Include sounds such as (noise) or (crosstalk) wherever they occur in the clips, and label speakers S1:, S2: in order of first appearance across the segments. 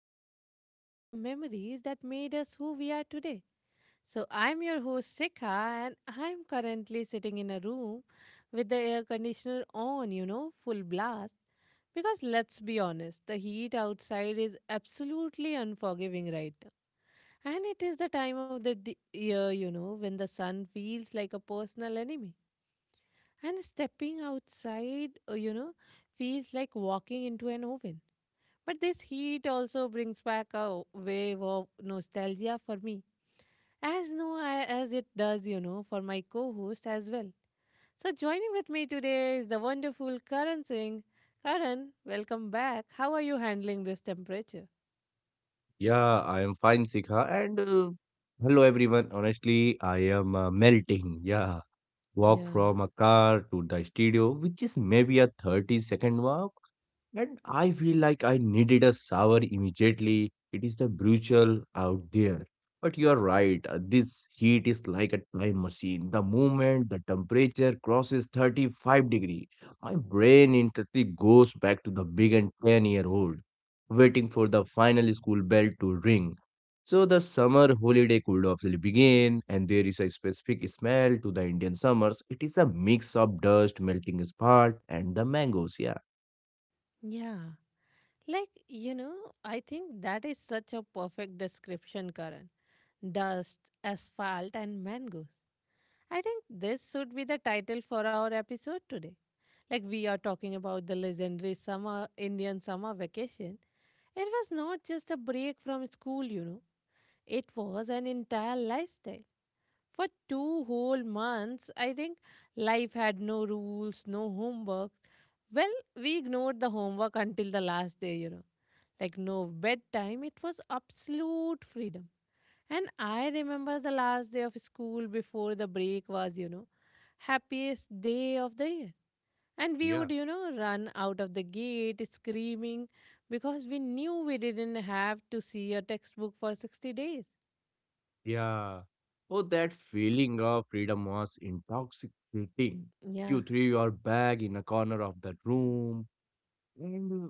S1: deep dive into the memories that made us who we are today. So, I'm your host, Shikha, and I'm currently sitting in a room with the air conditioner on, you know, full blast. Because let's be honest, the heat outside is absolutely unforgiving right now. And it is the time of the year, you know, when the sun feels like a personal enemy. And stepping outside, you know, feels like walking into an oven. But this heat also brings back a wave of nostalgia for me, as no I- as it does, you know, for my co-host as well. So joining with me today is the wonderful Karan Singh. Karan, welcome back. How are you handling this temperature?
S2: Yeah, I am fine, Sikha. And hello, everyone. Honestly, I am melting. Yeah, walk
S1: Yeah.
S2: from a car to the studio, which is maybe a 30-second walk. And I feel like I needed a shower immediately. It is the brutal out there. But you are right. This heat is like a time machine. The moment the temperature crosses 35-degree, my brain instantly goes back to the big and 10-year-old, waiting for the final school bell to ring. So the summer holiday could obviously begin, and there is a specific smell to the Indian summers. It is a mix of dust, melting spark, and the mangoes. Yeah.
S1: Yeah. Like, you know, I think that is such a perfect description, Karan. Dust, asphalt, and mangoes. I think this should be the title for our episode today. Like we are talking about the legendary summer Indian summer vacation. It was not just a break from school, you know. It was an entire lifestyle. For 2 whole months, I think life had no rules, no homework. Well, we ignored the homework until the last day, you know. Like no bedtime, it was absolute freedom. And I remember the last day of school before the break was, you know, happiest day of the year. And we
S2: Yeah.
S1: would, you know, run out of the gate screaming because we knew we didn't have to see a textbook for 60 days.
S2: Yeah. Oh, that feeling of freedom was intoxicating.
S1: Yeah,
S2: You threw your bag in a corner of the room, and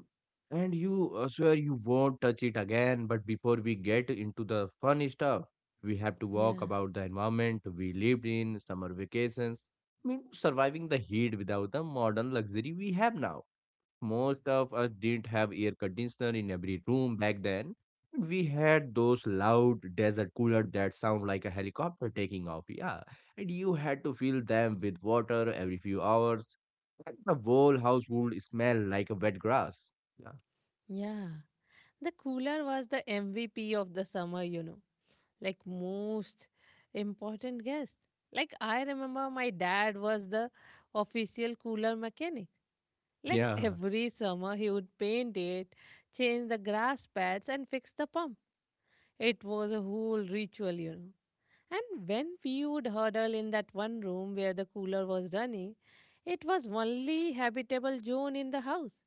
S2: you swear you won't touch it again. But before we get into the fun stuff, we have to walk
S1: yeah,
S2: about the environment we lived in, summer vacations. I mean, surviving the heat without the modern luxury we have now. Most of us didn't have air conditioner in every room back then. We had those loud desert cooler that sound like a helicopter taking off. Yeah, and you had to fill them with water every few hours. And the whole house would smell like a wet grass. Yeah,
S1: yeah. The cooler was the MVP of the summer, you know, like most important guest. Like I remember my dad was the official cooler mechanic. Like
S2: yeah,
S1: every summer, he would paint it, change the grass pads, and fix the pump. It was a whole ritual, you know. And when we would huddle in that one room where the cooler was running, it was only habitable zone in the house.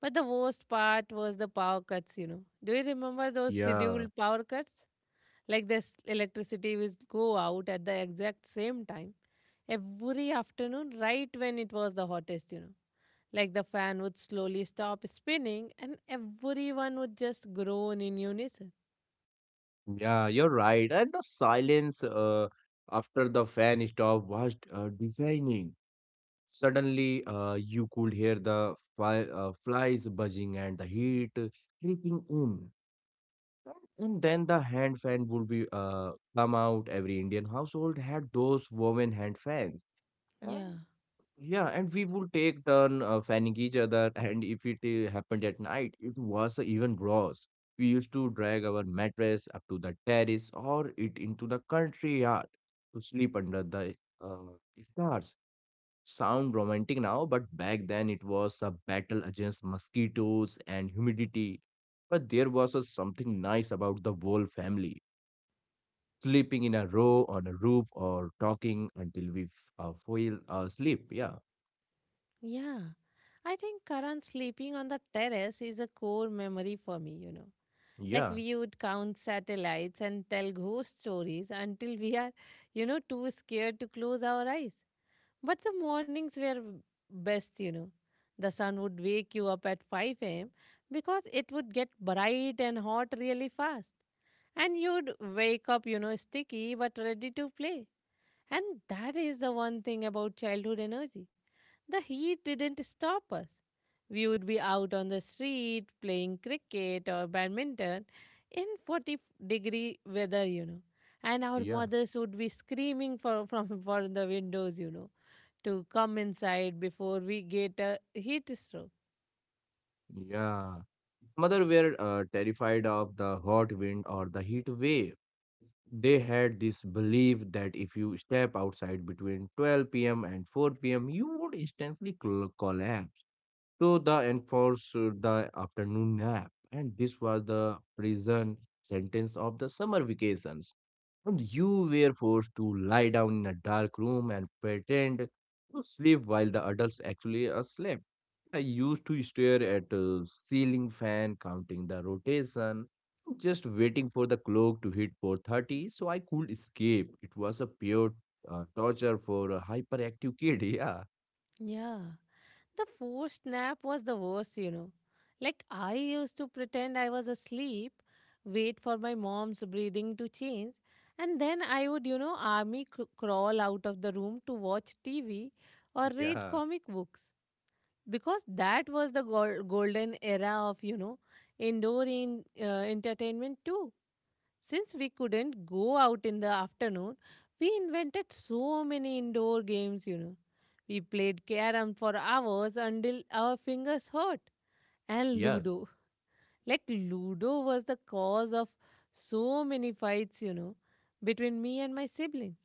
S1: But the worst part was the power cuts, you know. Do you remember those
S2: yeah,
S1: scheduled power cuts? Like this electricity would go out at the exact same time every afternoon, right when it was the hottest, you know. Like the fan would slowly stop spinning and everyone would just groan in unison.
S2: yeah. You're right. And the silence after the fan stopped, was deafening. Suddenly, you could hear the flies buzzing and the heat creeping in. And then the hand fan would be come out. Every Indian household had those woven hand fans.
S1: Yeah,
S2: And yeah, and we would take turn fanning each other. (laughs) And if it happened at night, it was even worse. We used to drag our mattress up to the terrace or it into the country yard to sleep under the stars sound romantic now, but back then it was a battle against mosquitoes and humidity. But there was a something nice about the whole family sleeping in a row on a roof or talking until we fell asleep. Yeah,
S1: yeah. I think Karan, sleeping on the terrace is a core memory for me, you know. Like
S2: yeah,
S1: we would count satellites and tell ghost stories until we are, you know, too scared to close our eyes. But the mornings were best, you know. The sun would wake you up at 5 a.m. because it would get bright and hot really fast. And you'd wake up, you know, sticky but ready to play. And that is the one thing about childhood energy. The heat didn't stop us. We would be out on the street playing cricket or badminton in 40-degree weather, you know. And our
S2: yeah,
S1: mothers would be screaming from (laughs) for the windows, you know, to come inside before we get a heat stroke.
S2: yeah. Mother were terrified of the hot wind or the heat wave they had this belief that if you step outside between 12 p.m. and 4 p.m., you would instantly collapse. So the enforced the afternoon nap, and this was the prison sentence of the summer vacations. And you were forced to lie down in a dark room and pretend to sleep while the adults actually slept. I used to stare at a ceiling fan, counting the rotation, just waiting for the clock to hit 4:30 so I could escape. It was a pure torture for a hyperactive kid. (laughs) Yeah,
S1: Yeah, the forced nap was the worst, you know. Like, I used to pretend I was asleep, wait for my mom's breathing to change, and then I would, you know, army crawl out of the room to watch TV or read
S2: yeah,
S1: comic books. Because that was the golden era of, you know, indoor entertainment too. Since we couldn't go out in the afternoon, we invented so many indoor games, you know. We played carom for hours until our fingers hurt. And
S2: yes.
S1: Ludo. Like, Ludo was the cause of so many fights, you know, between me and my siblings.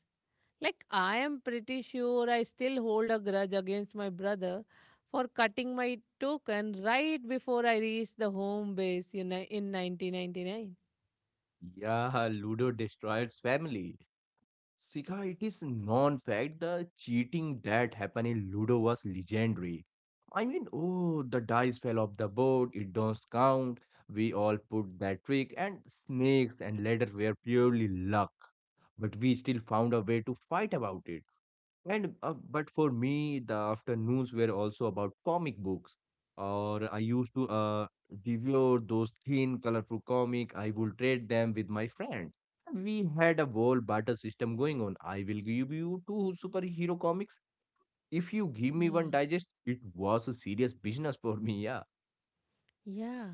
S1: Like, I am pretty sure I still hold a grudge against my brother for cutting my token right before I reached the home base, you know, in 1999.
S2: Yeah, Ludo destroyed family. Sika, it is non-fact. The cheating that happened in Ludo was legendary. I mean, oh, the dice fell off the board. It don't count. We all put that trick, and snakes and ladder were purely luck. But we still found a way to fight about it. And but for me, the afternoons were also about comic books. Or I used to devour those thin, colorful comic. I would trade them with my friends. And we had a whole barter system going on. I will give you two superhero comics. If you give me
S1: Yeah.
S2: one digest, it was a serious business for me. Yeah.
S1: Yeah,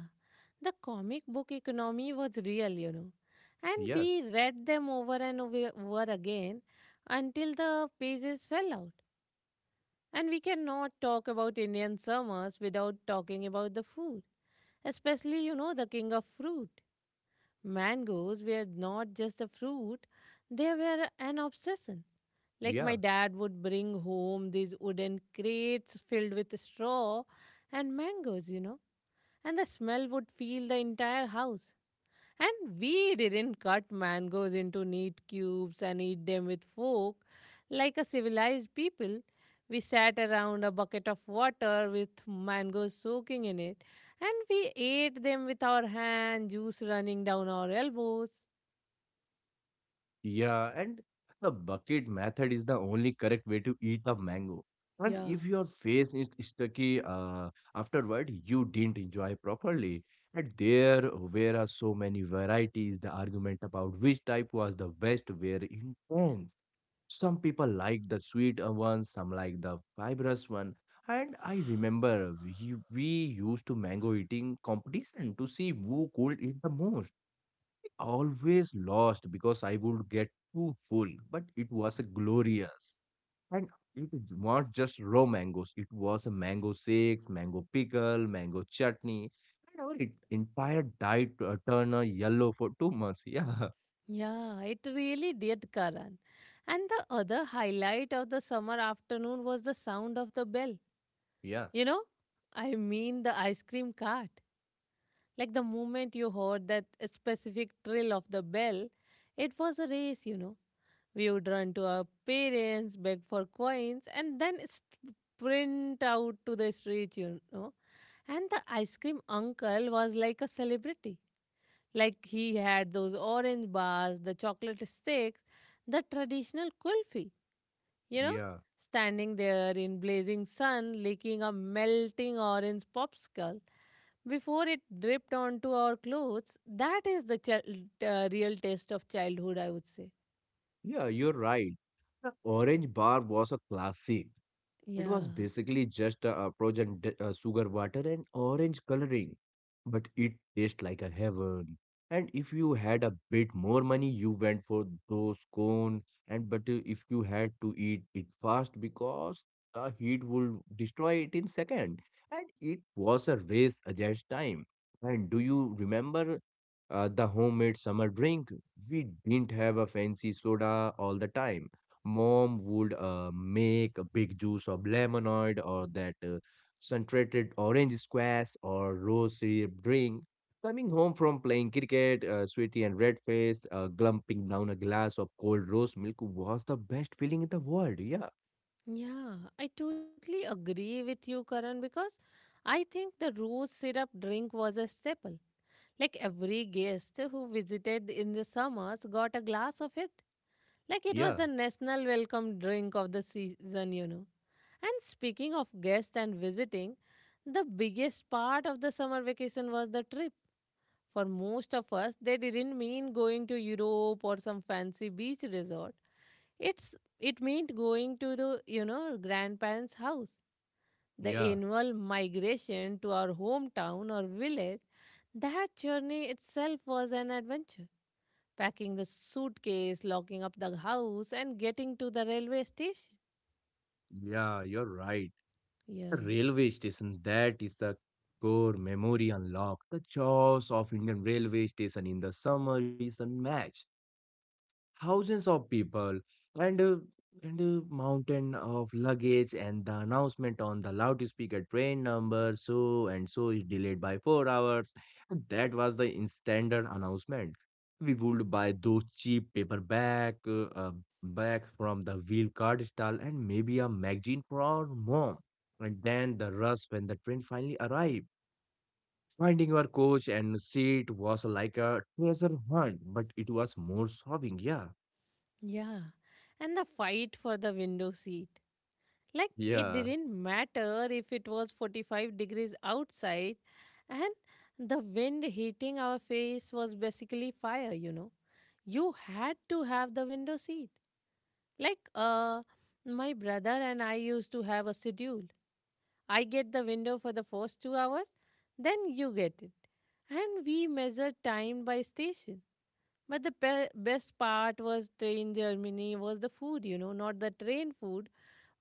S1: the comic book economy was real, you know. And
S2: Yes.
S1: we read them over and over again until the pages fell out. And we cannot talk about Indian summers without talking about the food. Especially, you know, the king of fruit. Mangoes were not just a fruit, they were an obsession. Like my
S2: Yeah.
S1: dad would bring home these wooden crates filled with straw and mangoes, you know, and the smell would fill the entire house. And we didn't cut mangoes into neat cubes and eat them with fork like a civilized people. We sat around a bucket of water with mangoes soaking in it, and we ate them with our hand, juice running down our elbows.
S2: Yeah, and the bucket method is the only correct way to eat a mango. And
S1: Yeah,
S2: if your face is sticky afterward, you didn't enjoy properly. And there were so many varieties. The argument about which type was the best were intense. Some people like the sweet one, some like the fibrous one. And I remember we used to mango eating competition to see who could eat the most always lost because I would get too full, but it was a glorious. And it is not just raw mangoes, it was a mango shakes, mango pickle, mango chutney, and our entire diet turned yellow for 2 months. Yeah, (laughs)
S1: yeah, it really did, Karan. And the other highlight of the summer afternoon was the sound of the bell.
S2: yeah,
S1: You know, I mean the ice cream cart. Like the moment you heard that specific trill of the bell, it was a race, you know. We would run to our parents, beg for coins, and then sprint out to the street, you know. And the ice cream uncle was like a celebrity. Like he had those orange bars, the chocolate sticks, the traditional kulfi. You know,
S2: yeah.
S1: standing there in blazing sun, licking a melting orange popsicle before it dripped onto our clothes. That is the real taste of childhood, I would say.
S2: Yeah, you're right. The orange bar was a classic. It
S1: Yeah.
S2: was basically just a approach and sugar water and orange coloring, but it tastes like a heaven. And if you had a bit more money, you went for those cone. And but if you had to eat it fast because the heat would destroy it in second. And it was a race against time. And do you remember the homemade summer drink? We didn't have a fancy soda all the time. Mom would make a big juice of lemonade or that concentrated orange squash or rose syrup drink. Coming home from playing cricket, sweaty and red faced, glumping down a glass of cold rose milk was the best feeling in the world. Yeah.
S1: Yeah, I totally agree with you, Karan, because I think the rose syrup drink was a staple. Like every guest who visited in the summers got a glass of it. Like it was
S2: Yeah,
S1: the national welcome drink of the season, you know. And speaking of guests and visiting, the biggest part of the summer vacation was the trip. For most of us, they didn't mean going to Europe or some fancy beach resort. It's it meant going to the, you know, grandparents' house. The
S2: yeah,
S1: annual migration to our hometown or village, that journey itself was an adventure. Packing the suitcase, locking up the house, and getting to the railway station.
S2: yeah, you're right.
S1: Yeah.
S2: The railway station, that is the core memory unlocked. The jaws of Indian railway station in the summer is unmatched. Thousands of people and uh, and mountain of luggage and the announcement on the loudspeaker train number so and so is delayed by 4 hours, and that was the standard announcement. We would buy those cheap paper bag bags from the wheel card stall and maybe a magazine for mom, and then the rush when the train finally arrived. Finding your coach and seat was like a treasure hunt, but it was more sobbing, yeah.
S1: Yeah. And the fight for the window seat. Like it
S2: Yeah,
S1: didn't matter if it was 45 degrees outside and the wind hitting our face was basically fire, you know. You had to have the window seat. Like my brother and I used to have a schedule. I get the window for the first 2 hours, then you get it. And we measure time by station. But the best part was train Germany was the food, you know, not the train food,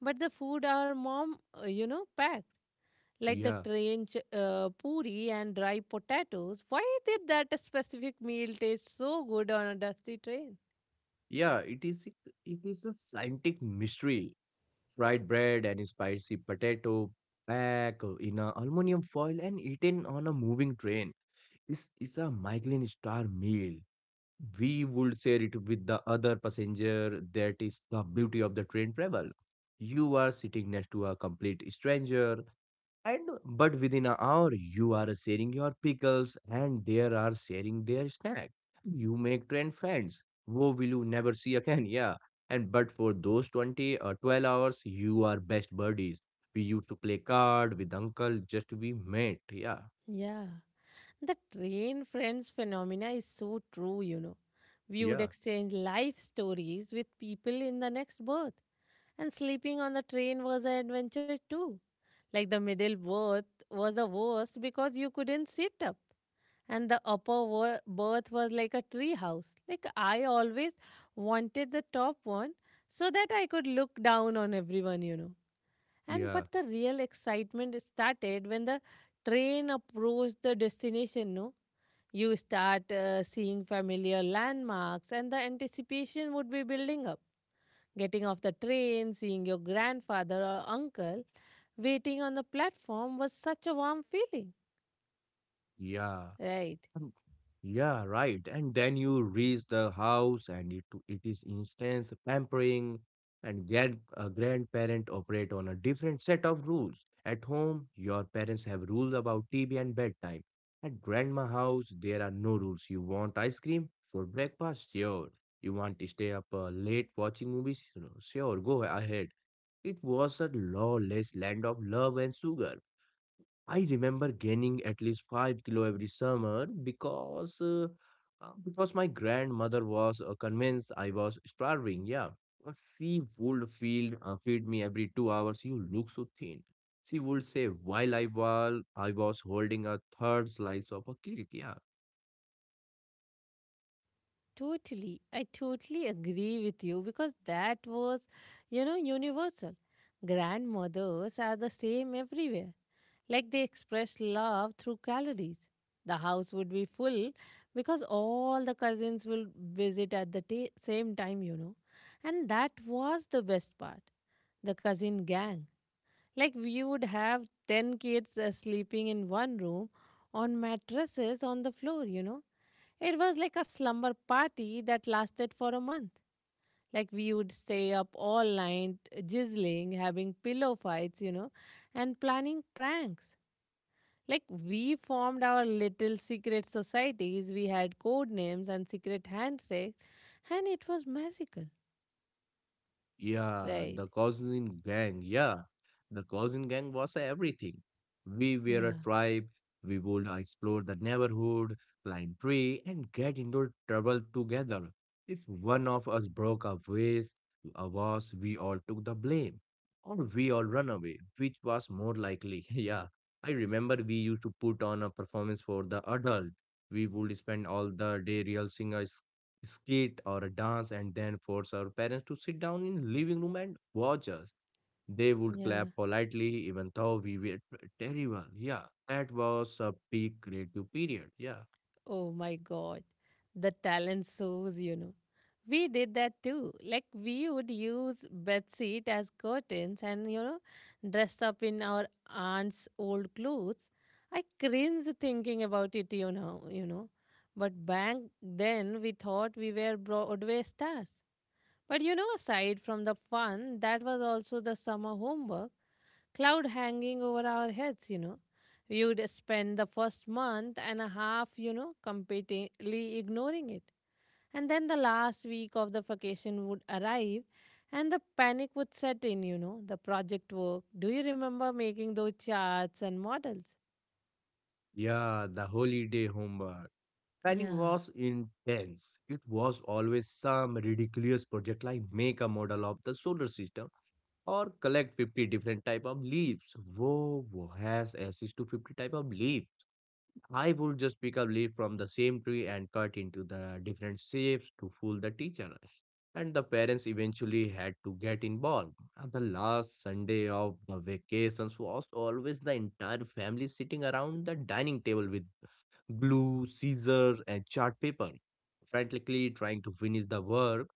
S1: but the food our mom, you know, packed, like the
S2: yeah,
S1: train puri and dry potatoes. Why did that specific meal taste so good on a dusty train?
S2: yeah. It it is a scientific mystery. Fried bread and spicy potato packed in a aluminum foil and eaten on a moving train. This is a Michelin star meal. We would share it with the other passenger. That is the beauty of the train travel. You are sitting next to a complete stranger. And but within an hour, you are sharing your pickles and they are sharing their snack. You make 10 friends. Who will you never see again? (laughs) Yeah. And but for those 20 or 12 hours, you are best buddies. We used to play card with uncle, just we met. Yeah.
S1: Yeah, the train friends phenomena is so true, you know. We would
S2: Yeah.
S1: exchange life stories with people in the next berth, and sleeping on the train was an adventure too. Like the middle berth was the worst because you couldn't sit up. And the upper berth was like a tree house. Like I always wanted the top one so that I could look down on everyone, you know. And
S2: Yeah.
S1: but the real excitement started when the train approached the destination, no? You start seeing familiar landmarks and the anticipation would be building up. Getting off the train, seeing your grandfather or uncle waiting on the platform was such a warm feeling.
S2: Yeah.
S1: Right.
S2: Mm. Yeah, right. And then you reach the house and it is instance pampering and grandparent operate on a different set of rules. At home, your parents have rules about TV and bedtime. At grandma house, there are no rules. You want ice cream for breakfast? Sure. You want to stay up late watching movies? Sure, go ahead. It was a lawless land of love and sugar. I remember gaining at least 5 kilos every summer because my grandmother was convinced I was starving. Yeah. She would feed me every 2 hours. You look so thin. She would say while I was holding a third slice of a cake. Yeah,
S1: Totally. I totally agree with you because that was, you know, universal. Grandmothers are the same everywhere. Like they express love through calories. The house would be full because all the cousins will visit at the ta same time, you know. And that was the best part. The cousin gang. Like we would have 10 kids sleeping in one room on mattresses on the floor, you know. It was like a slumber party that lasted for a month. Like we would stay up all night, jizzling, having pillow fights, you know, and planning pranks. Like we formed our little secret societies, we had code names and secret handshakes, and it was magical,
S2: yeah,
S1: right?
S2: the cousin gang. Yeah, the cousin gang was everything. We were a
S1: Yeah,
S2: tribe. We would explore the neighborhood, climb tree, and get into trouble together. If one of us broke our ways, was we all took the blame, or we all run away, which was more likely. (laughs) Yeah, I remember we used to put on a performance for the adult. We would spend all the day rehearsing a skit or a dance and then force our parents to sit down in living room and watch us. They would
S1: yeah.
S2: clap politely even though we were terrible. Yeah, that was a peak creative period. Yeah.
S1: Oh my god, the talent shows, you know. We did that too. Like we would use bedsheet as curtains and, you know, dressed up in our aunt's old clothes. I cringe thinking about it, you know. But back then we thought we were Broadway stars. But you know, aside from the fun, that was also the summer homework, cloud hanging over our heads, you know. We would spend the first month and a half, you know, completely ignoring it, and then the last week of the vacation would arrive and the panic would set in, you know, the project work. Do you remember making those charts and models?
S2: Yeah, the holiday homework. Planning
S1: Yeah,
S2: was intense. It was always some ridiculous project like make a model of the solar system or collect 50 different type of leaves. Whoa, whoa has access to 50 type of leaves. I would just pick up leaf from the same tree and cut into the different shapes to fool the teacher. And the parents eventually had to get involved. And the last Sunday of the vacations was always the entire family sitting around the dining table with glue, scissors, and chart paper, frantically trying to finish the work.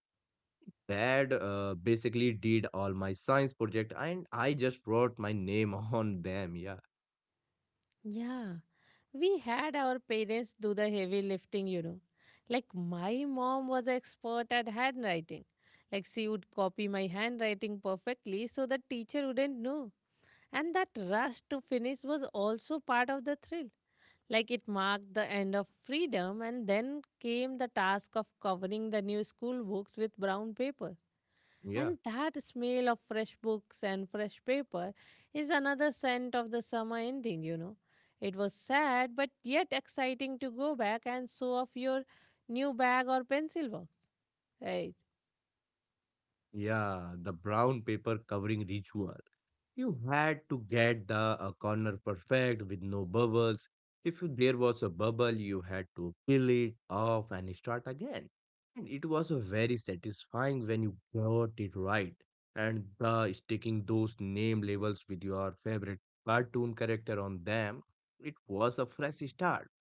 S2: Dad basically did all my science project, and I just wrote my name (laughs) on them. Yeah,
S1: yeah. We had our parents do the heavy lifting, you know. Like my mom was expert at handwriting. Like she would copy my handwriting perfectly so the teacher wouldn't know. And that rush to finish was also part of the thrill. Like it marked the end of freedom, and then came the task of covering the new school books with brown paper.
S2: yeah,
S1: And that smell of fresh books and fresh paper is another scent of the summer ending. It was sad, but yet exciting to go back and show off your new bag or pencil box. Right.
S2: yeah. The brown paper covering ritual. You had to get the corner perfect with no bubbles. If you- There was a bubble, you had to peel it off and start again. And it was a very satisfying when you got it right. And the sticking those name labels with your favorite cartoon character on them, it was a fresh start.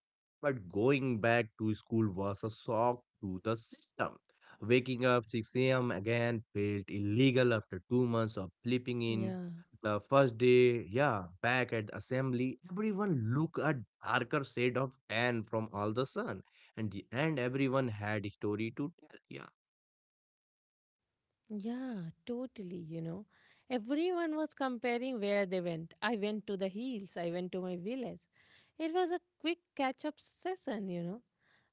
S2: But going back to school was a shock to the system. Waking up 6 a.m. again felt illegal after 2 months of sleeping in.
S1: Yeah.
S2: The first day, yeah, back at the assembly, everyone looked a darker shade of tan from all the sun, and everyone had a story to tell. Yeah,
S1: Yeah, totally. Everyone was comparing where they went. I went to the hills, I went to my village. It was a quick catch up session.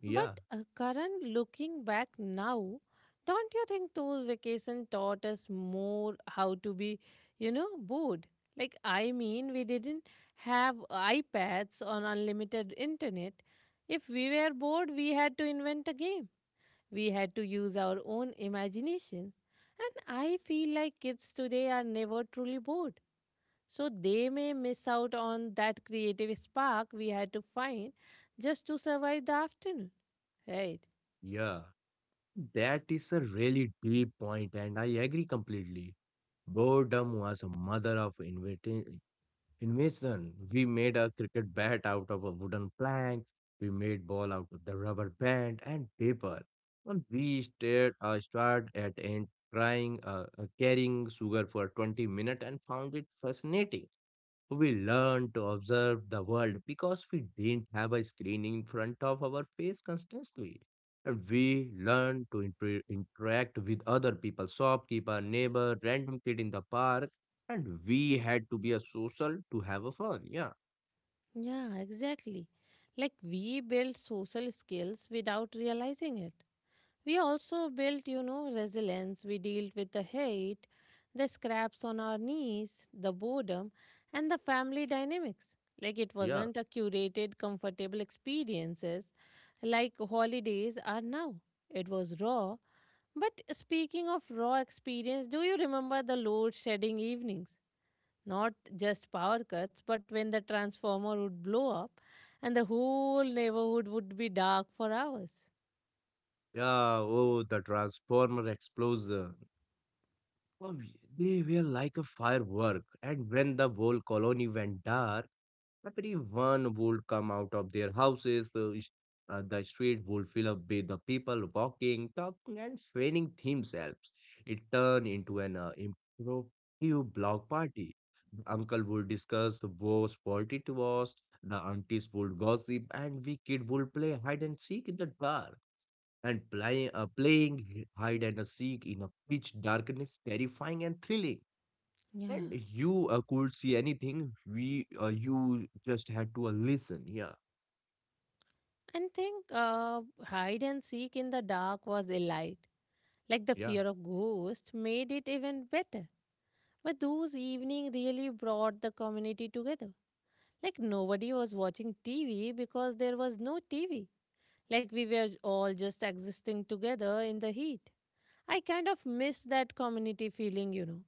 S2: yeah,
S1: But Karan, looking back now, don't you think those vacations taught us more how to be, bored? I mean, we didn't have iPads on unlimited internet. If we were bored, we had to invent a game. We had to use our own imagination. And I feel like kids today are never truly bored. So they may miss out on that creative spark we had to find just to survive the afternoon, right?
S2: yeah. That is a really deep point, and I agree completely. Boredom was a mother of invention, Invasion. We made a cricket bat out of a wooden planks. We made ball out of the rubber band and paper. And we stared, stared at and trying carrying sugar for 20 minutes and found it fascinating. We learned to observe the world because we didn't have a screen in front of our face constantly. And we learned to interact with other people, shopkeeper, neighbor, random kid in the park. And we had to be a social to have a fun. Yeah,
S1: Yeah, exactly. Like we build social skills without realizing it. We also built, resilience. We dealt with the hate, the scraps on our knees, the boredom, and the family dynamics. Like it
S2: yeah,
S1: wasn't a curated, comfortable experiences like holidays are now. It was raw. But speaking of raw experience, do you remember the load shedding evenings? Not just power cuts, but when the transformer would blow up and the whole neighborhood would be dark for hours.
S2: yeah. Oh, the transformer explosion. Oh, they were like a firework. And when the whole colony went dark, everyone would come out of their houses. The street would fill up with the people walking, talking, and fanning themselves. It turned into an impromptu block party. The uncle would discuss the worst fault it was. The aunties would gossip, and we kid would play hide and seek in the dark. And playing hide and seek in a pitch darkness, terrifying and thrilling.
S1: Yeah.
S2: And you could see anything. We You just had to listen. Yeah,
S1: And think hide and seek in the dark was a light. Like the
S2: yeah,
S1: fear of ghosts made it even better. But those evening really brought the community together. Like nobody was watching TV because there was no TV. Like we were all just existing together in the heat. I kind of miss that community feeling.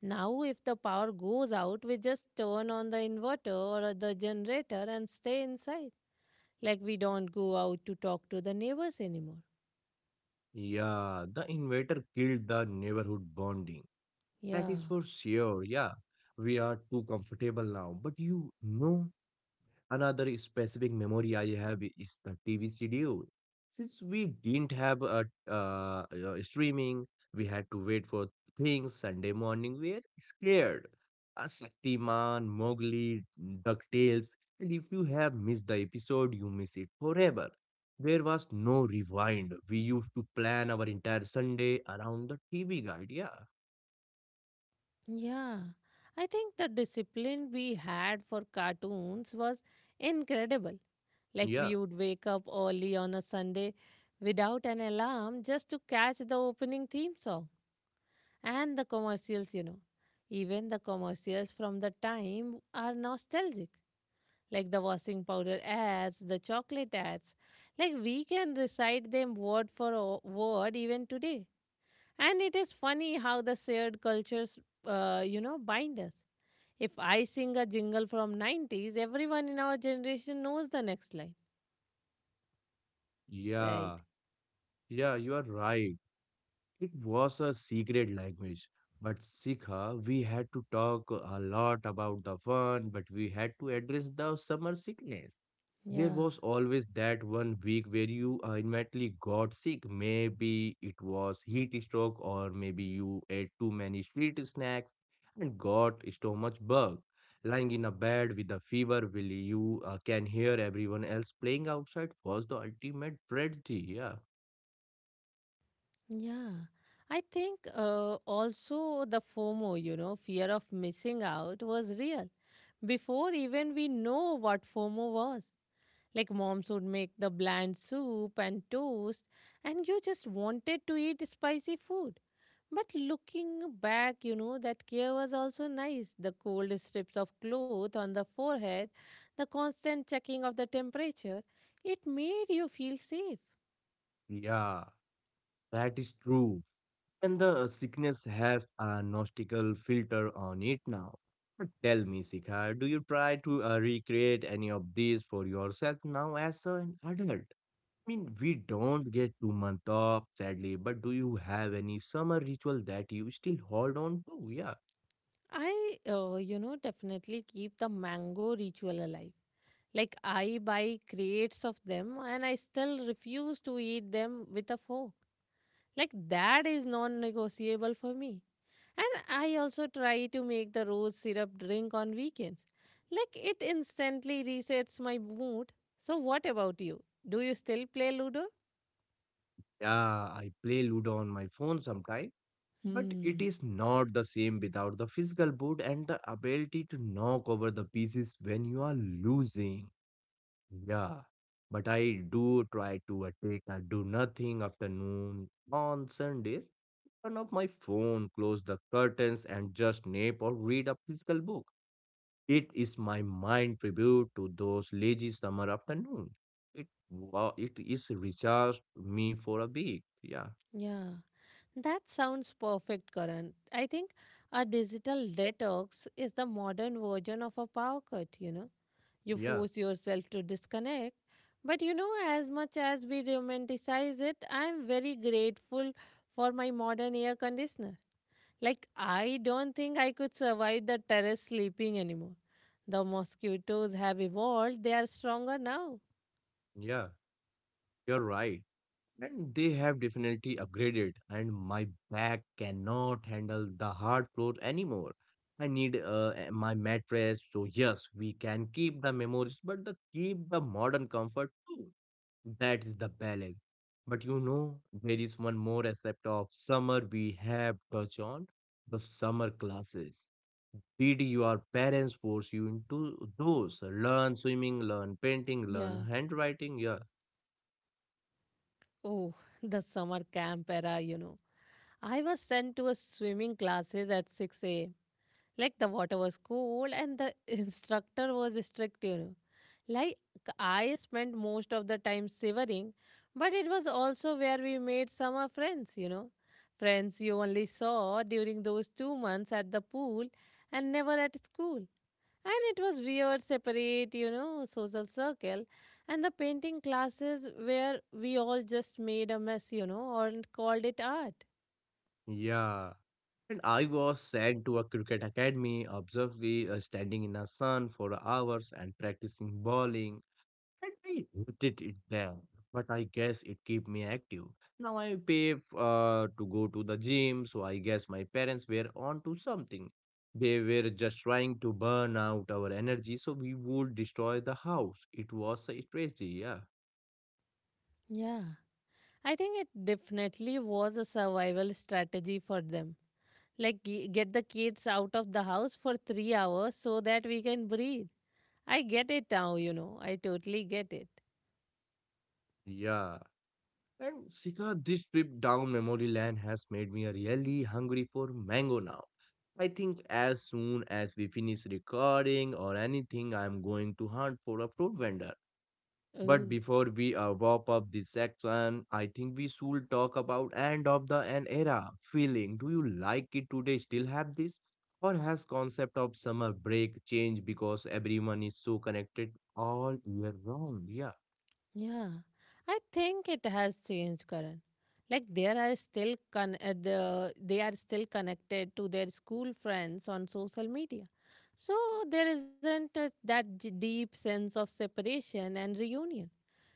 S1: Now, if the power goes out, we just turn on the inverter or the generator and stay inside. Like, we don't go out to talk to the neighbors anymore.
S2: yeah. The invader killed the neighborhood bonding. That
S1: Yeah,
S2: is for sure. Yeah, we are too comfortable now. But you know. Another specific memory I have is the TV schedule. Since we didn't have a streaming, we had to wait for things. Sunday morning, we were scared. Shaktiman, Mowgli, DuckTales, and if you have missed the episode, you miss it forever. There was no rewind. We used to plan our entire Sunday around the TV guide. Yeah,
S1: yeah. I think the discipline we had for cartoons was incredible. Like,
S2: yeah,
S1: we would wake up early on a Sunday without an alarm just to catch the opening theme song and the commercials. Even the commercials from the time are nostalgic, like the washing powder ads, the chocolate ads. Like, we can recite them word for word even today. And it is funny how the shared cultures, bind us. If I sing a jingle from 90s, everyone in our generation knows the next line, right?
S2: yeah, yeah. You are right. It was a secret language, but Sikha, we had to talk a lot about the fun, but we had to address the summer sickness. There
S1: Yeah,
S2: was always that one week where you ultimately got sick. Maybe it was heat stroke, or maybe you ate too many sweet snacks and got stomach bug. Lying in a bed with a fever, will you can hear everyone else playing outside was the ultimate tragedy. Yeah,
S1: yeah. I think also the FOMO, fear of missing out was real before even we know what FOMO was. Like moms would make the bland soup and toast, and you just wanted to eat spicy food. But looking back, that care was also nice. The cold strips of cloth on the forehead, the constant checking of the temperature, it made you feel safe.
S2: yeah, that is true. And the sickness has a nostical filter on it now. But tell me, Sikha, do you try to recreate any of these for yourself now as an adult? I mean, we don't get two months off, sadly, but do you have any summer ritual that you still hold on to? Yeah.
S1: I, definitely keep the mango ritual alive. Like, I buy crates of them and I still refuse to eat them with a fork. Like, that is non negotiable for me. And I also try to make the rose syrup drink on weekends. Like it instantly resets my mood. So, what about you? Do you still play Ludo?
S2: Yeah, I play Ludo on my phone sometime, but it
S1: Hmm.
S2: is not the same without the physical boot and the ability to knock over the pieces when you are losing. Yeah, but I do try to take a do nothing afternoon on Sundays. Turn off my phone, close the curtains, and just nap or read a physical book. It is my mind tribute to those lazy summer afternoons. It wow, it is recharged me for a week. Yeah,
S1: Yeah. That sounds perfect, Karan. I think a digital detox is the modern version of a power cut, you know. You
S2: yeah,
S1: force yourself to disconnect. But you know, as much as we romanticize it, I am very grateful for my modern air conditioner. Like, I don't think I could survive the terrace sleeping anymore. The mosquitoes have evolved, they are stronger now.
S2: yeah. You're right. And they have definitely upgraded, and my back cannot handle the hard floor anymore. I need my mattress, so yes, we can keep the memories, but keep the modern comfort too. That is the balance. But you know, there is one more aspect of summer we have touched on, the summer classes. Did your parents force you into those? Learn swimming,
S1: Yeah.
S2: learn painting, learn handwriting. Yeah,
S1: Oh, the summer camp era, I was sent to a swimming classes at 6 a.m. Like the water was cold and the (laughs) instructor was strict, Like I spent most of the time shivering, but it was also where we made summer friends, Friends you only saw during those 2 months at the pool and never at school. And it was weird, separate, social circle. And the painting classes where we all just made a mess, and called it art.
S2: yeah. And I was sent to a cricket academy, obviously standing in the sun for hours and practicing bowling. And I hated it there, but I guess it kept me active. Now I pay to go to the gym, so I guess my parents were on to something. They were just trying to burn out our energy so we would destroy the house. It was a strategy, yeah.
S1: Yeah. I think it definitely was a survival strategy for them. Like, get the kids out of the house for 3 hours so that we can breathe. I get it now, I totally get it.
S2: Yeah. And Sika, this trip down memory lane has made me really hungry for mango now. I think as soon as we finish recording or anything, I'm going to hunt for a fruit vendor. But
S1: Oh,
S2: before we wrap up this section, I think we should talk about end of the an era feeling. Do you like it today? Still have this, or has concept of summer break changed because everyone is so connected all year round? Yeah.
S1: yeah. I think it has changed, Karan. Like, there are still they are still connected to their school friends on social media. So, there isn't that deep sense of separation and reunion.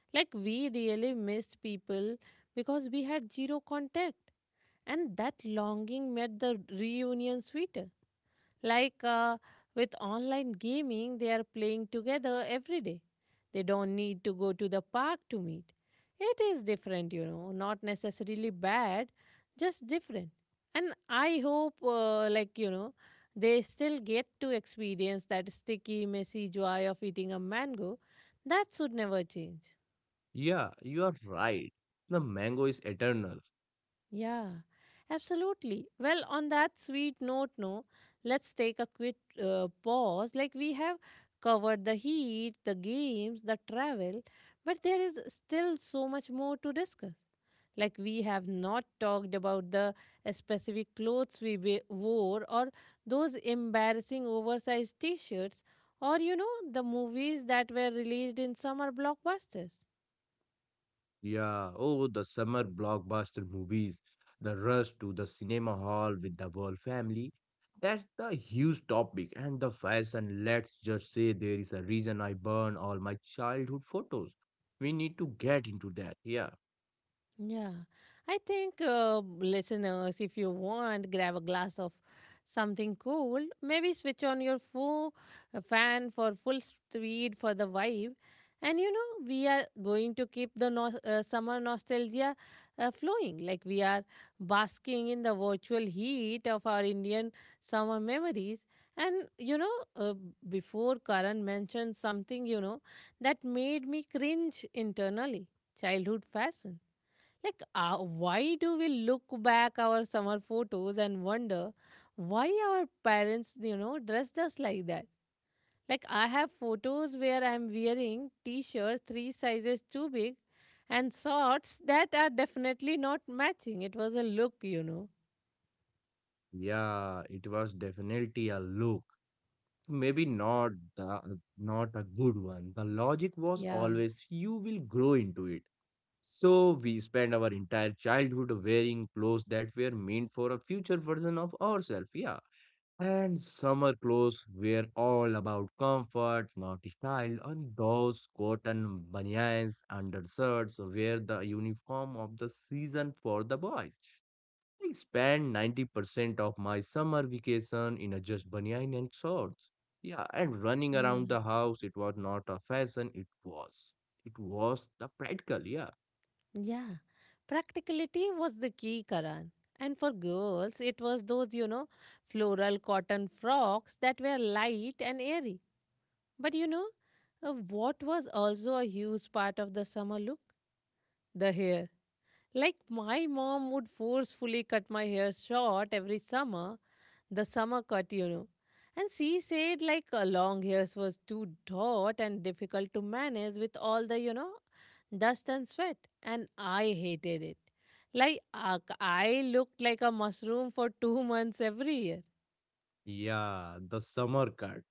S1: Like we really missed people because we had zero contact, and that longing made the reunion sweeter. Like with online gaming, they are playing together every day. They don't need to go to the park to meet. It is different, not necessarily bad, just different. And I hope, they still get to experience that sticky, messy joy of eating a mango. That should never change.
S2: Yeah, you are right. The mango is eternal.
S1: Yeah, absolutely. Well, on that sweet note, no, let's take a quick pause. Like we have covered the heat, the games, the travel, but there is still so much more to discuss. Like we have not talked about the specific clothes we wore or those embarrassing oversized t-shirts or you know the movies that were released in summer blockbusters.
S2: Yeah, oh, the summer blockbuster movies, the rush to the cinema hall with the whole family. That's the huge topic and the fashion. Let's just say there is a reason I burn all my childhood photos. We need to get into that. Yeah,
S1: Yeah, I think listeners, if you want, grab a glass of something cool. Maybe switch on your full fan for full speed for the vibe. And you know, we are going to keep the summer nostalgia flowing. Like we are basking in the virtual heat of our Indian summer memories. And before Karan mentioned something, that made me cringe internally childhood fashion like, why do we look back our summer photos and wonder why our parents, dressed us like that? Like, I have photos where I'm wearing t-shirt three sizes too big and shorts that are definitely not matching. It was a look,
S2: yeah, it was definitely a look. Maybe not a good one. The logic was
S1: Yeah.
S2: always you will grow into it. So we spend our entire childhood wearing clothes that were meant for a future version of ourselves, yeah. And summer clothes were all about comfort, not style, and those cotton banyans, undershirts were the uniform of the season for the boys. I spent 90% of my summer vacation in a just banyan and shorts. Yeah, and running
S1: Yeah.
S2: around the house, it was not a fashion, it was. It was the practical, yeah.
S1: Yeah, practicality was the key, Karan. And for girls, it was those, floral cotton frocks that were light and airy. But you know, what was also a huge part of the summer look? The hair. Like my mom would forcefully cut my hair short every summer, the summer cut, And she said like long hairs was too taut and difficult to manage with all the, dust and sweat. And I hated it. Like I looked like a mushroom for two (laughs) months every year.
S2: Yeah, the summer cut.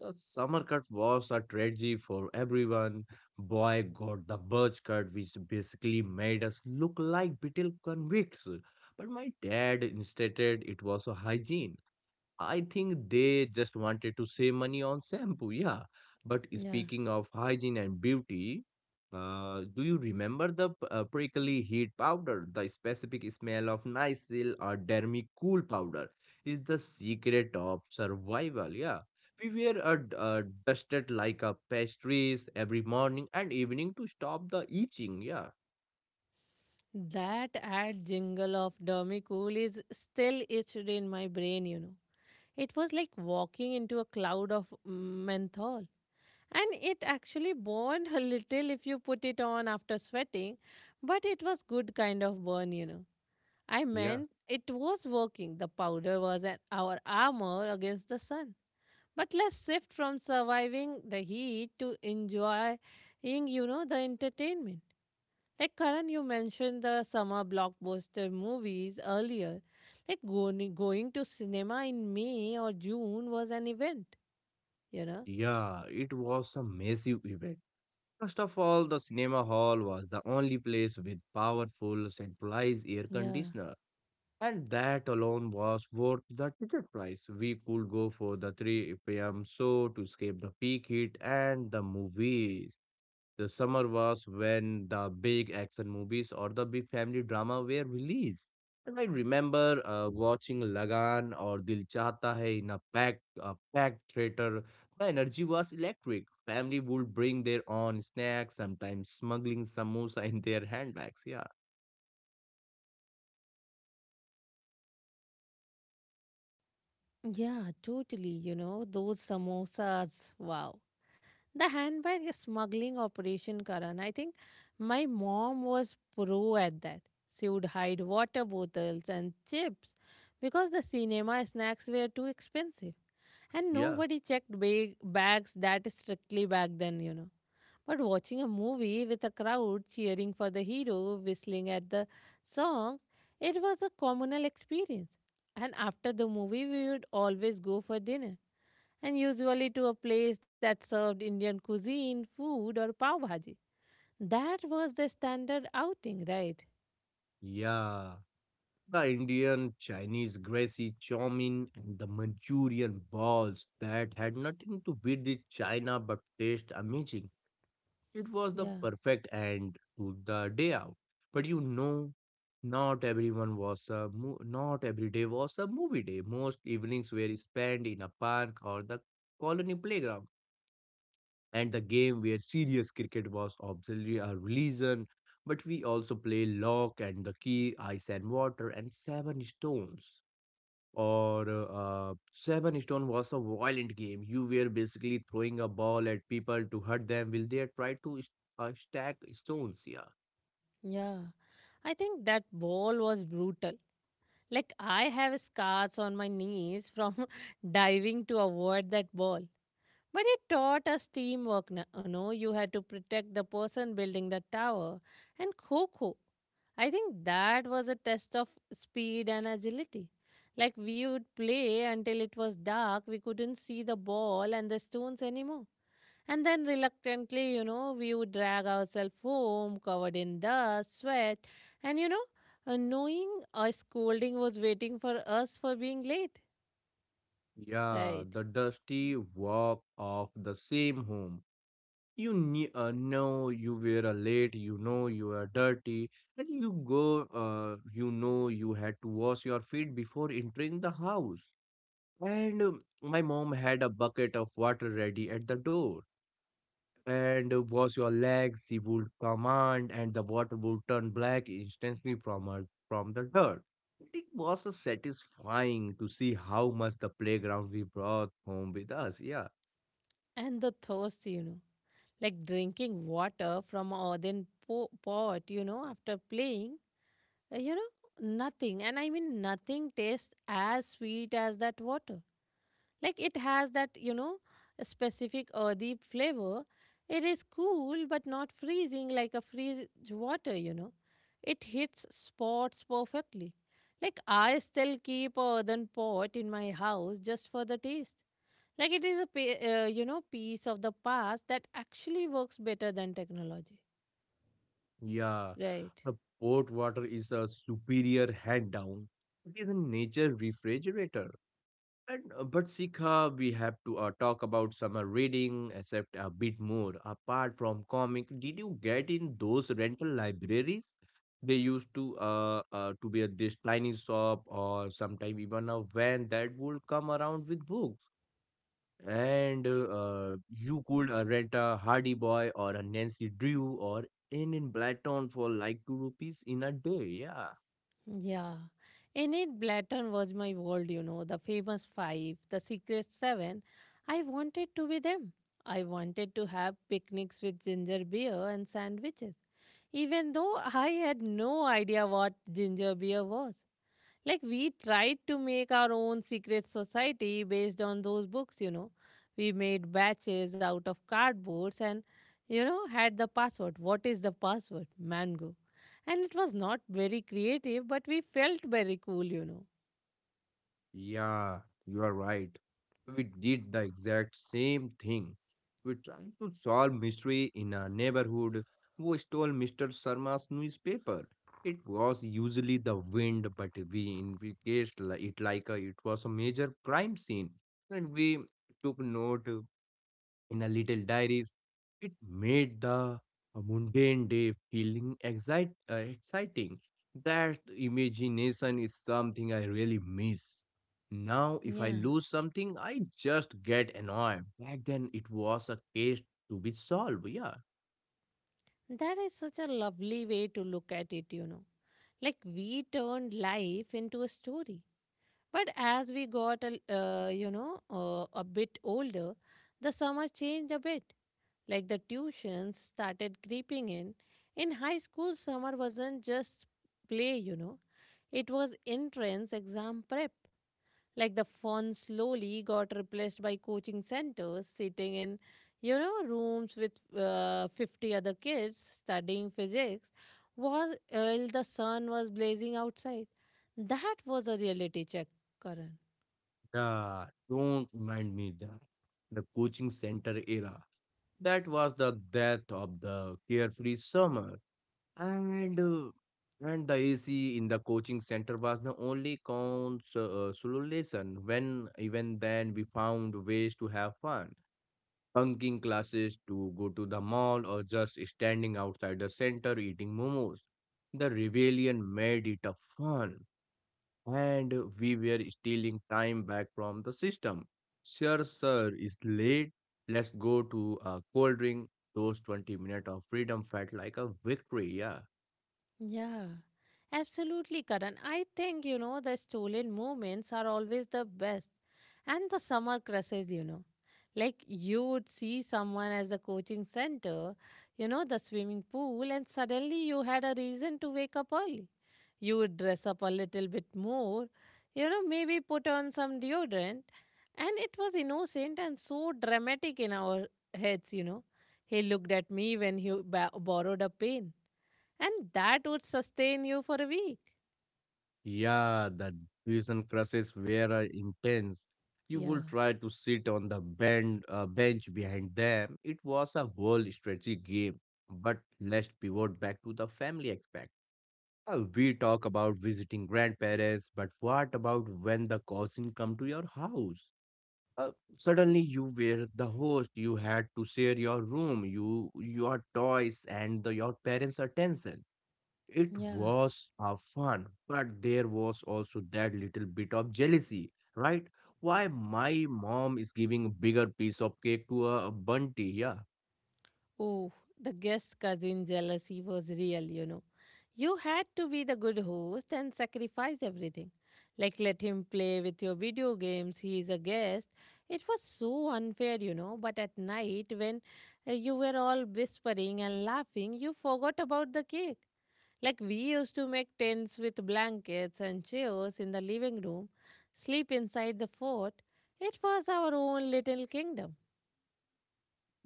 S2: The summer cut was a tragedy for everyone. Boy got the birch cut, which basically made us look like beetle convicts. But my dad insisted it was a hygiene. I think they just wanted to save money on shampoo, yeah. But
S1: Yeah.
S2: speaking of hygiene and beauty, do you remember the prickly heat powder? The specific smell of Nycil or Dermy Cool powder is the secret of survival, yeah. We were dusted like a pastries every morning and evening to stop the itching, yeah.
S1: That ad jingle of Dummy Cool is still etched in my brain, It was like walking into a cloud of menthol. And it actually burned a little if you put it on after sweating, but it was good kind of burn, I
S2: Yeah,
S1: meant it was working. The powder was an, our armor against the sun. But let's shift from surviving the heat to enjoying, the entertainment. Like Karan, you mentioned the summer blockbuster movies earlier. Like going to cinema in May or June was an event, you know?
S2: yeah, it was a massive event. First of all, the cinema hall was the only place with powerful centralized air
S1: Yeah.
S2: conditioner, and that alone was worth the ticket price. We could go for the 3 p.m. show to escape the peak heat and the movies. The summer was when the big action movies or the big family drama were released. And I remember watching Lagan or Dil Chahta Hai in a packed theater. The energy was electric. Family would bring their own snacks, sometimes smuggling samosa in their handbags. Yeah,
S1: Yeah, totally, those samosas. Wow. The handbag smuggling operation, Karan. I think my mom was pro at that. She would hide water bottles and chips because the cinema snacks were too expensive. And
S2: yeah,
S1: nobody checked bags that strictly back then, But watching a movie with a crowd cheering for the hero, whistling at the song, it was a communal experience. And after the movie, we would always go for dinner, and usually to a place that served Indian cuisine, food, or pav bhaji. That was the standard outing, right?
S2: yeah. The Indian, Chinese, Gracie chow mein and the Manchurian balls that had nothing to beat with China but taste amazing. It was the
S1: Yeah,
S2: perfect end to the day out. But you know, not everyone was a not every day was a movie day. Most evenings were spent in a park or the colony playground, and the game where serious cricket was obviously a religion. But we also play lock and the key, ice and water, and seven stones or seven stone was a violent game. You were basically throwing a ball at people to hurt them. Will they try to stack stones. Yeah,
S1: yeah. I think that ball was brutal. Like, I have scars on my knees from (laughs) diving to avoid that ball. But it taught us teamwork. You know, you had to protect the person building the tower. And Coco, I think that was a test of speed and agility. Like we would play until it was dark, we couldn't see the ball and the stones anymore. And then reluctantly, we would drag ourselves home covered in dust, sweat, and knowing a scolding was waiting for us for being late.
S2: yeah.
S1: Right.
S2: The dusty walk of the same home. You knew, know you were late. You know you are dirty, and you go. You know you had to wash your feet before entering the house. And my mom had a bucket of water ready at the door and wash your legs, she would command, and the water would turn black instantly from the dirt. It was satisfying to see how much the playground we brought home with us. Yeah,
S1: And the thirst, Like drinking water from a then pot, after playing, uh, you know, nothing. And I mean, nothing tastes as sweet as that water, like it has that, specific earthy flavor. It is cool but not freezing like a freeze water, it hits spots perfectly. Like I still keep a earthen pot in my house just for the taste. Like it is a piece of the past that actually works better than technology,
S2: yeah.
S1: right?
S2: The port water is a superior hand down. It is a nature refrigerator. And but Sikha, we have to talk about summer reading, except a bit more. Apart from comic, did you get in those rental libraries? They used to be at this tiny shop or sometime even a van that would come around with books, and you could rent a Hardy Boy or a Nancy Drew or in Blatton for like 2 rupees in a day. Yeah,
S1: Yeah. Enid Blatton was my world, the famous five, the secret seven. I wanted to be them. I wanted to have picnics with ginger beer and sandwiches, even though I had no idea what ginger beer was. We tried to make our own secret society based on those books, you know. We made batches out of cardboards and, had the password. What is the password? Mango. And it was not very creative, but we felt very cool, you know.
S2: yeah, you are right. We did the exact same thing. We tried to solve mystery in a neighborhood who stole Mr. Sharma's newspaper. It was usually the wind, but we investigated it like it was a major crime scene. And we took note in her little diaries. It made the mundane day feeling exciting. That imagination is something I really miss. Now, if I
S1: Yeah,
S2: lose something, I just get annoyed. Back then, it was a case to be solved. Yeah.
S1: that is such a lovely way to look at it, you know. Like we turned life into a story. But as we got, a bit older, the summer changed a bit. Like the tuitions started creeping in. In high school, summer wasn't just play, you know. It was entrance exam prep. Like the fun slowly got replaced by coaching centers, sitting in, rooms with 50 other kids studying physics was while the sun was blazing outside. That was a reality check, Karan.
S2: Yeah. Don't remind me that. The coaching center era. That was the death of the carefree summer. And uh, and the AC in the coaching center was the only consolation. When even then we found ways to have fun, bunking classes to go to the mall or just standing outside the center eating momos. The rebellion made it a fun, and we were stealing time back from the system. Sir, sir, it's late. Let's go to a cold drink. Those 20 minutes of freedom felt like a victory, yeah.
S1: Yeah, absolutely, Karan. I think, you know, the stolen moments are always the best. And the summer crushes, you know. Like you would see someone as the coaching center, the swimming pool, and suddenly you had a reason to wake up early. You would dress up a little bit more, maybe put on some deodorant. And it was innocent and so dramatic in our heads, you know. He looked at me when he borrowed a pen, and that would sustain you for a week.
S2: Yeah, that tuition crushes were intense. You
S1: Yeah.
S2: would try to sit on the bend, bench behind them. It was a whole strategy game. But let's pivot back to the family aspect. We talk about visiting grandparents, but what about when the cousin come to your house? Suddenly you were the host. You had to share your room, your toys, and your parents' attention. It
S1: Yeah,
S2: was a fun, but there was also that little bit of jealousy, right? Why my mom is giving a bigger piece of cake to a bunty, yeah.
S1: oh, the guest cousin jealousy was real, you know. You had to be the good host and sacrifice everything. Like, let him play with your video games, he is a guest. It was so unfair, you know. But at night, when you were all whispering and laughing, you forgot about the cake. Like we used to make tents with blankets and chairs in the living room, sleep inside the fort. It was our own little kingdom,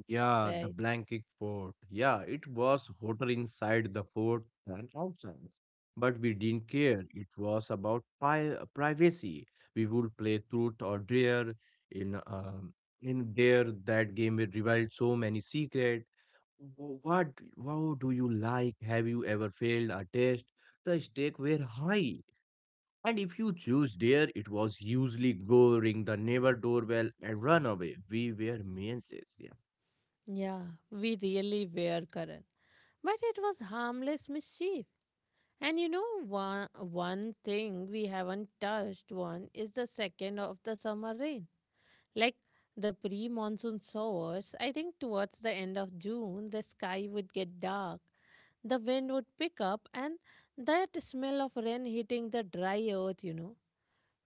S2: Yeah, the
S1: right?
S2: blanket fort. Yeah, it was hotter inside the fort than outside. But we didn't care. It was about privacy. We would play truth or dare in in dare that game it revealed so many secret. What do you like? Have you ever failed a test? The stakes were high. And if you choose dare, it was usually go ring the neighbor doorbell and run away. We were menaces.
S1: Yeah, we really were, Karan. But it was harmless mischief. And you know, one thing we haven't touched on is the second of the summer rain. Like the pre monsoon showers, I think towards the end of June, the sky would get dark, the wind would pick up, and that smell of rain hitting the dry earth, you know.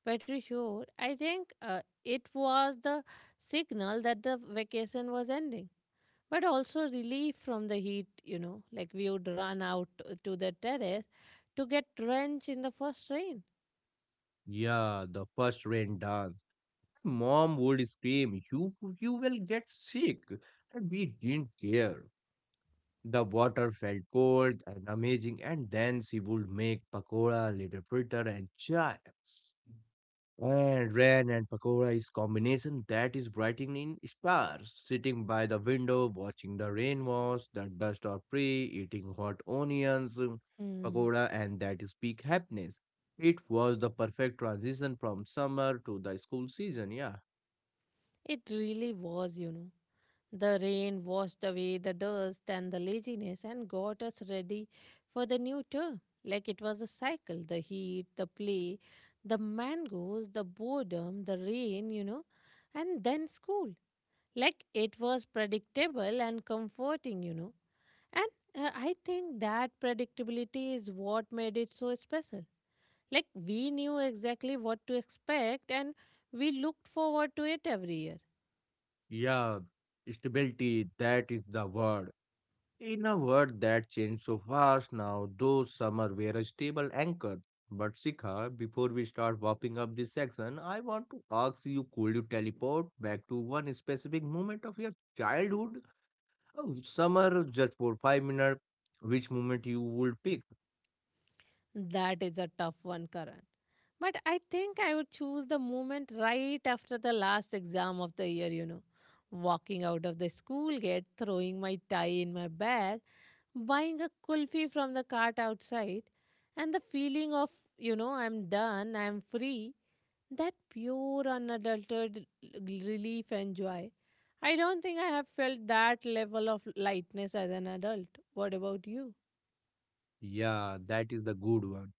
S1: Petri Shore, I think it was the signal that the vacation was ending, but also relief from the heat, you know. Like we would run out to the terrace to get drenched in the first rain.
S2: Yeah, the first rain dance. Mom would scream, "You will get sick." And we didn't care. The water felt cold and amazing, and then she would make pakora, little fritter, and chai. And rain and pakora is combination that is writing in stars. Sitting by the window, watching the rain wash, the dust or free, eating hot onions,
S1: Hmm.
S2: pakora, and that is peak happiness. It was the perfect transition from summer to the school season. Yeah,
S1: It really was, you know. The rain washed away the dust and the laziness and got us ready for the new term. Like it was a cycle: the heat, the play, the mangoes, the boredom, the rain, you know, and then school. Like it was predictable and comforting, you know. And I think that predictability is what made it so special. Like we knew exactly what to expect, and we looked forward to it every year.
S2: yeah, stability. That is the word. In a world that changed so fast now, those summer were a stable anchor. But Sikha, before we start wrapping up this section, I want to ask you could you teleport back to one specific moment of your childhood? Oh, summer just for 5 minutes. Which moment you would pick?
S1: That is a tough one, Karan. But I think I would choose the moment right after the last exam of the year, you know. Walking out of the school gate, throwing my tie in my bag, buying a kulfi from the cart outside, and the feeling of, you know, I'm done, I'm free, that pure unadulterated relief and joy. I don't think I have felt that level of lightness as an adult. What about you?
S2: Yeah, that is the good one.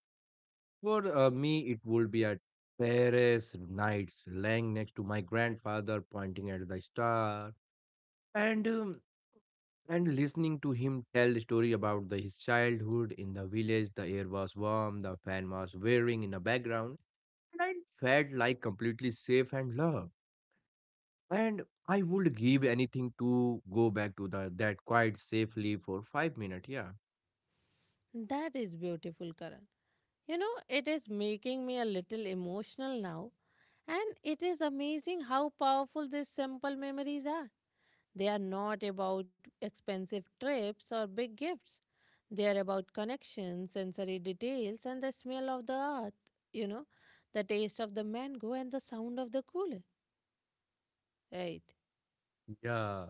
S2: For me, it would be at Paris nights, lying next to my grandfather, pointing at the star. And and listening to him tell the story about his childhood in the village, the air was warm, the fan was whirring in the background, and I felt like completely safe and loved. And I would give anything to go back to that quite safely for 5 minutes. Yeah.
S1: That is beautiful, Karan. You know, it is making me a little emotional now. And it is amazing how powerful these simple memories are. They are not about expensive trips or big gifts. They are about connections, sensory details, and the smell of the earth, you know, the taste of the mango, and the sound of the cooler. Right.
S2: Yeah,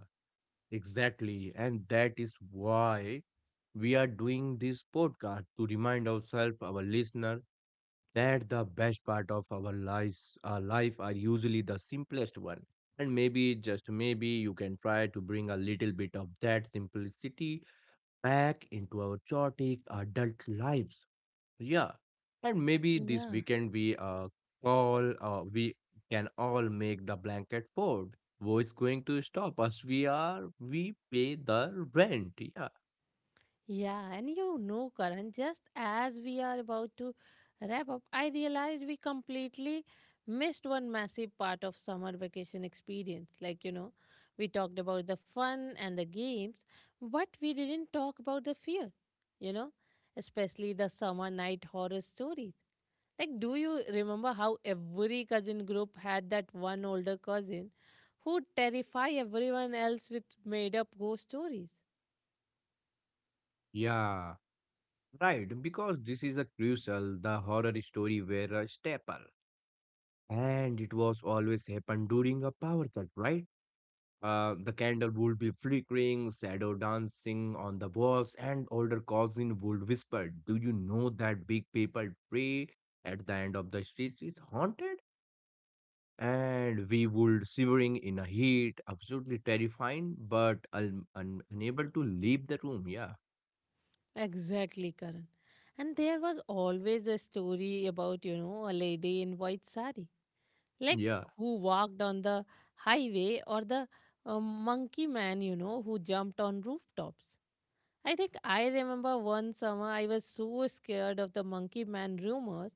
S2: exactly. And that is why we are doing this podcast to remind ourselves, our listener, that the best part of our life are usually the simplest one. And maybe just maybe you can try to bring a little bit of that simplicity back into our chaotic adult lives. Yeah. And maybe this
S1: Yeah.
S2: weekend we all we can all make the blanket fort. Who is going to stop us? We are we pay the rent. Yeah.
S1: Yeah, and you know, Karan, just as we are about to wrap up, I realized we completely missed one massive part of summer vacation experience. Like, you know, we talked about the fun and the games, but we didn't talk about the fear, you know, especially the summer night horror stories. Like, do you remember how every cousin group had that one older cousin who'd terrify everyone else with made up ghost stories?
S2: Yeah, right, because this is a crucial the horror story were a staple. And it was always happen during a power cut, right? The candle would be flickering, shadow dancing on the walls, and older cousin would whisper, "Do you know that big paper tree at the end of the street is haunted?" And we would shivering in a heat, absolutely terrifying, but unable to leave the room. Yeah,
S1: Exactly, Karan. And there was always a story about, you know, a lady in white sari, like
S2: yeah,
S1: who walked on the highway, or the monkey man, you know, who jumped on rooftops. I think I remember one summer I was so scared of the monkey man rumors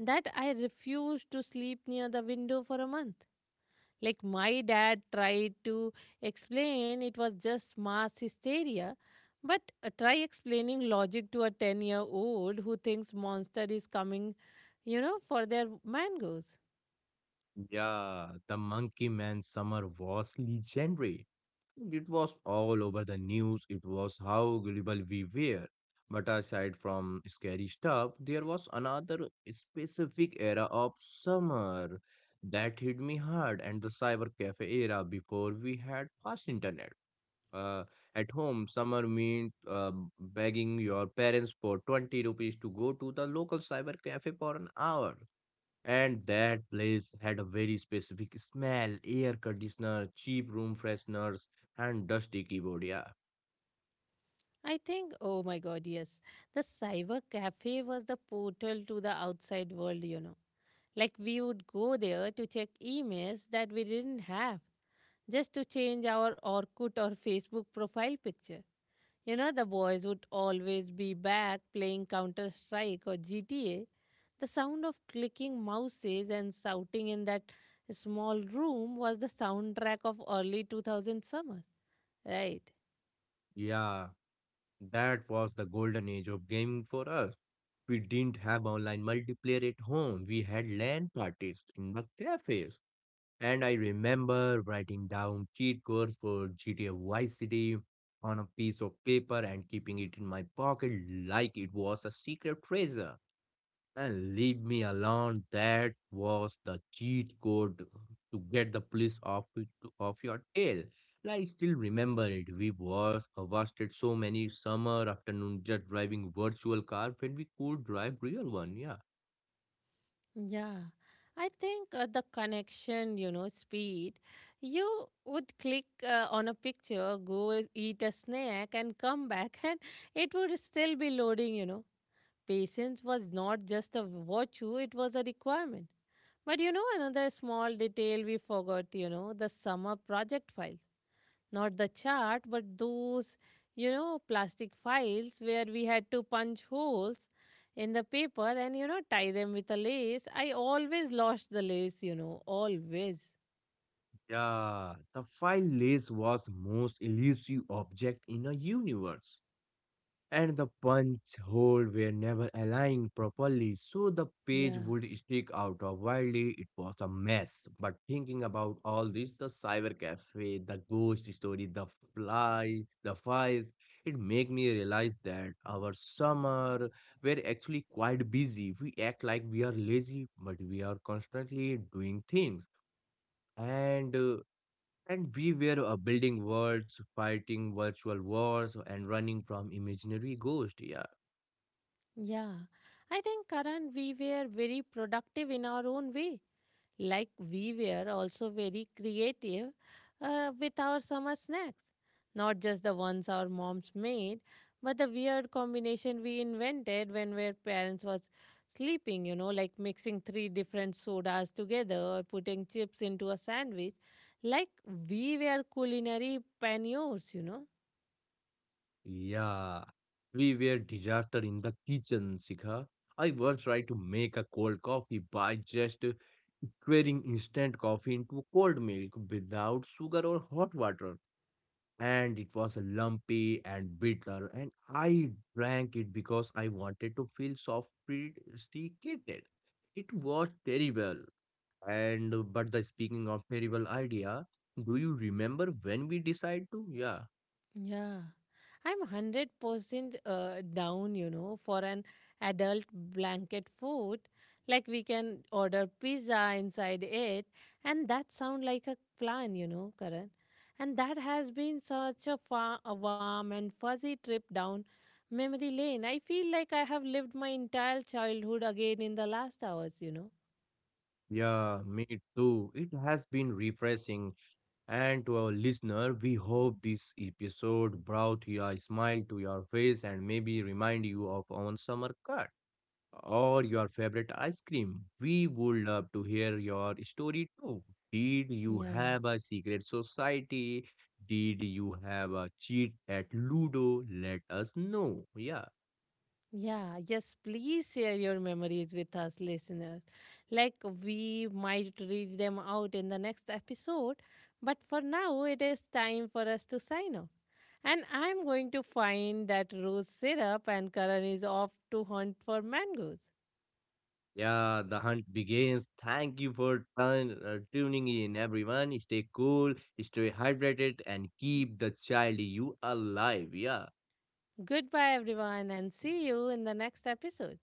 S1: that I refused to sleep near the window for a month. Like my dad tried to explain it was just mass hysteria, but try explaining logic to a 10-year-old year old who thinks monster is coming, you know, for their mangoes.
S2: yeah. The monkey man summer was legendary. It was all over the news. It was how gullible we were. But aside from scary stuff, there was another specific era of summer that hit me hard, and the cyber cafe era before we had fast internet. Uh, at home, summer meant begging your parents for 20 rupees to go to the local cyber cafe for an hour. And that place had a very specific smell, air conditioner, cheap room fresheners, and dusty keyboard. Yeah,
S1: I think, oh my god, yes. The cyber cafe was the portal to the outside world, you know. Like we would go there to check emails that we didn't have, just to change our Orkut or Facebook profile picture. You know, the boys would always be back playing Counter Strike or GTA. The sound of clicking mouses and shouting in that small room was the soundtrack of early 2000 summers. Right.
S2: yeah, that was the golden age of gaming for us. We didn't have online multiplayer at home. We had LAN parties in the cafes. And I remember writing down cheat codes for GTA Vice City on a piece of paper and keeping it in my pocket like it was a secret treasure. And leave me alone. That was the cheat code to get the police off your tail. And I still remember it. We wasted so many summer afternoon just driving virtual car when we could drive real one. Yeah.
S1: Yeah, I think the connection, you know, speed. You would click on a picture, go eat a snack, and come back, (laughs) and it would still be loading, you know. Patience was not just a virtue, it was a requirement. But you know, another small detail we forgot, you know, the summer project files. Not the chart, but those, you know, plastic files where we had to punch holes in the paper and, you know, tie them with a lace. I always lost the lace, you know, always.
S2: Yeah. The file list was most elusive object in a universe. And the punch hole were never aligned properly, so the page
S1: Yeah.
S2: would stick out of wildly. It was a mess. But thinking about all this, the cyber cafe, the ghost story, the flies, it made me realize that our summer were actually quite busy. We act like we are lazy, but we are constantly doing things. And uh, and we were building worlds, fighting virtual wars, and running from imaginary ghosts. Yeah.
S1: Yeah, I think, Karan, we were very productive in our own way. Like we were also very creative with our summer snacks, not just the ones our moms made, but the weird combination we invented when our parents was sleeping, you know, like mixing three different sodas together or putting chips into a sandwich, like we were culinary pioneers, you know.
S2: Yeah, we were disaster in the kitchen, Sikha. I once tried to make a cold coffee by just squaring instant coffee into cold milk without sugar or hot water. And it was lumpy and bitter, and I drank it because I wanted to feel sophisticated. It was terrible. And but the speaking of terrible idea, do you remember when we decided to? Yeah.
S1: Yeah, I'm 100% down, you know, for an adult blanket food. Like we can order pizza inside it, and that sound like a plan, you know, Karan. And that has been such a, a warm and fuzzy trip down memory lane. I feel like I have lived my entire childhood again in the last hours, you know.
S2: Yeah, me too. It has been refreshing. And to our listener, we hope this episode brought you a smile to your face and maybe remind you of on summer cut or your favorite ice cream. We would love to hear your story too. Did you
S1: Yeah.
S2: have a secret society? Did you have a cheat at Ludo? Let us know. Yeah.
S1: Yeah, yes, please share your memories with us, listeners. Like, we might read them out in the next episode, but for now, it is time for us to sign off. And I'm going to find that rose syrup, and Karan is off to hunt for mangoes.
S2: Yeah, the hunt begins. Thank you for tuning in, everyone. Stay cool, stay hydrated, and keep the child you alive. Yeah.
S1: Goodbye, everyone, and see you in the next episode.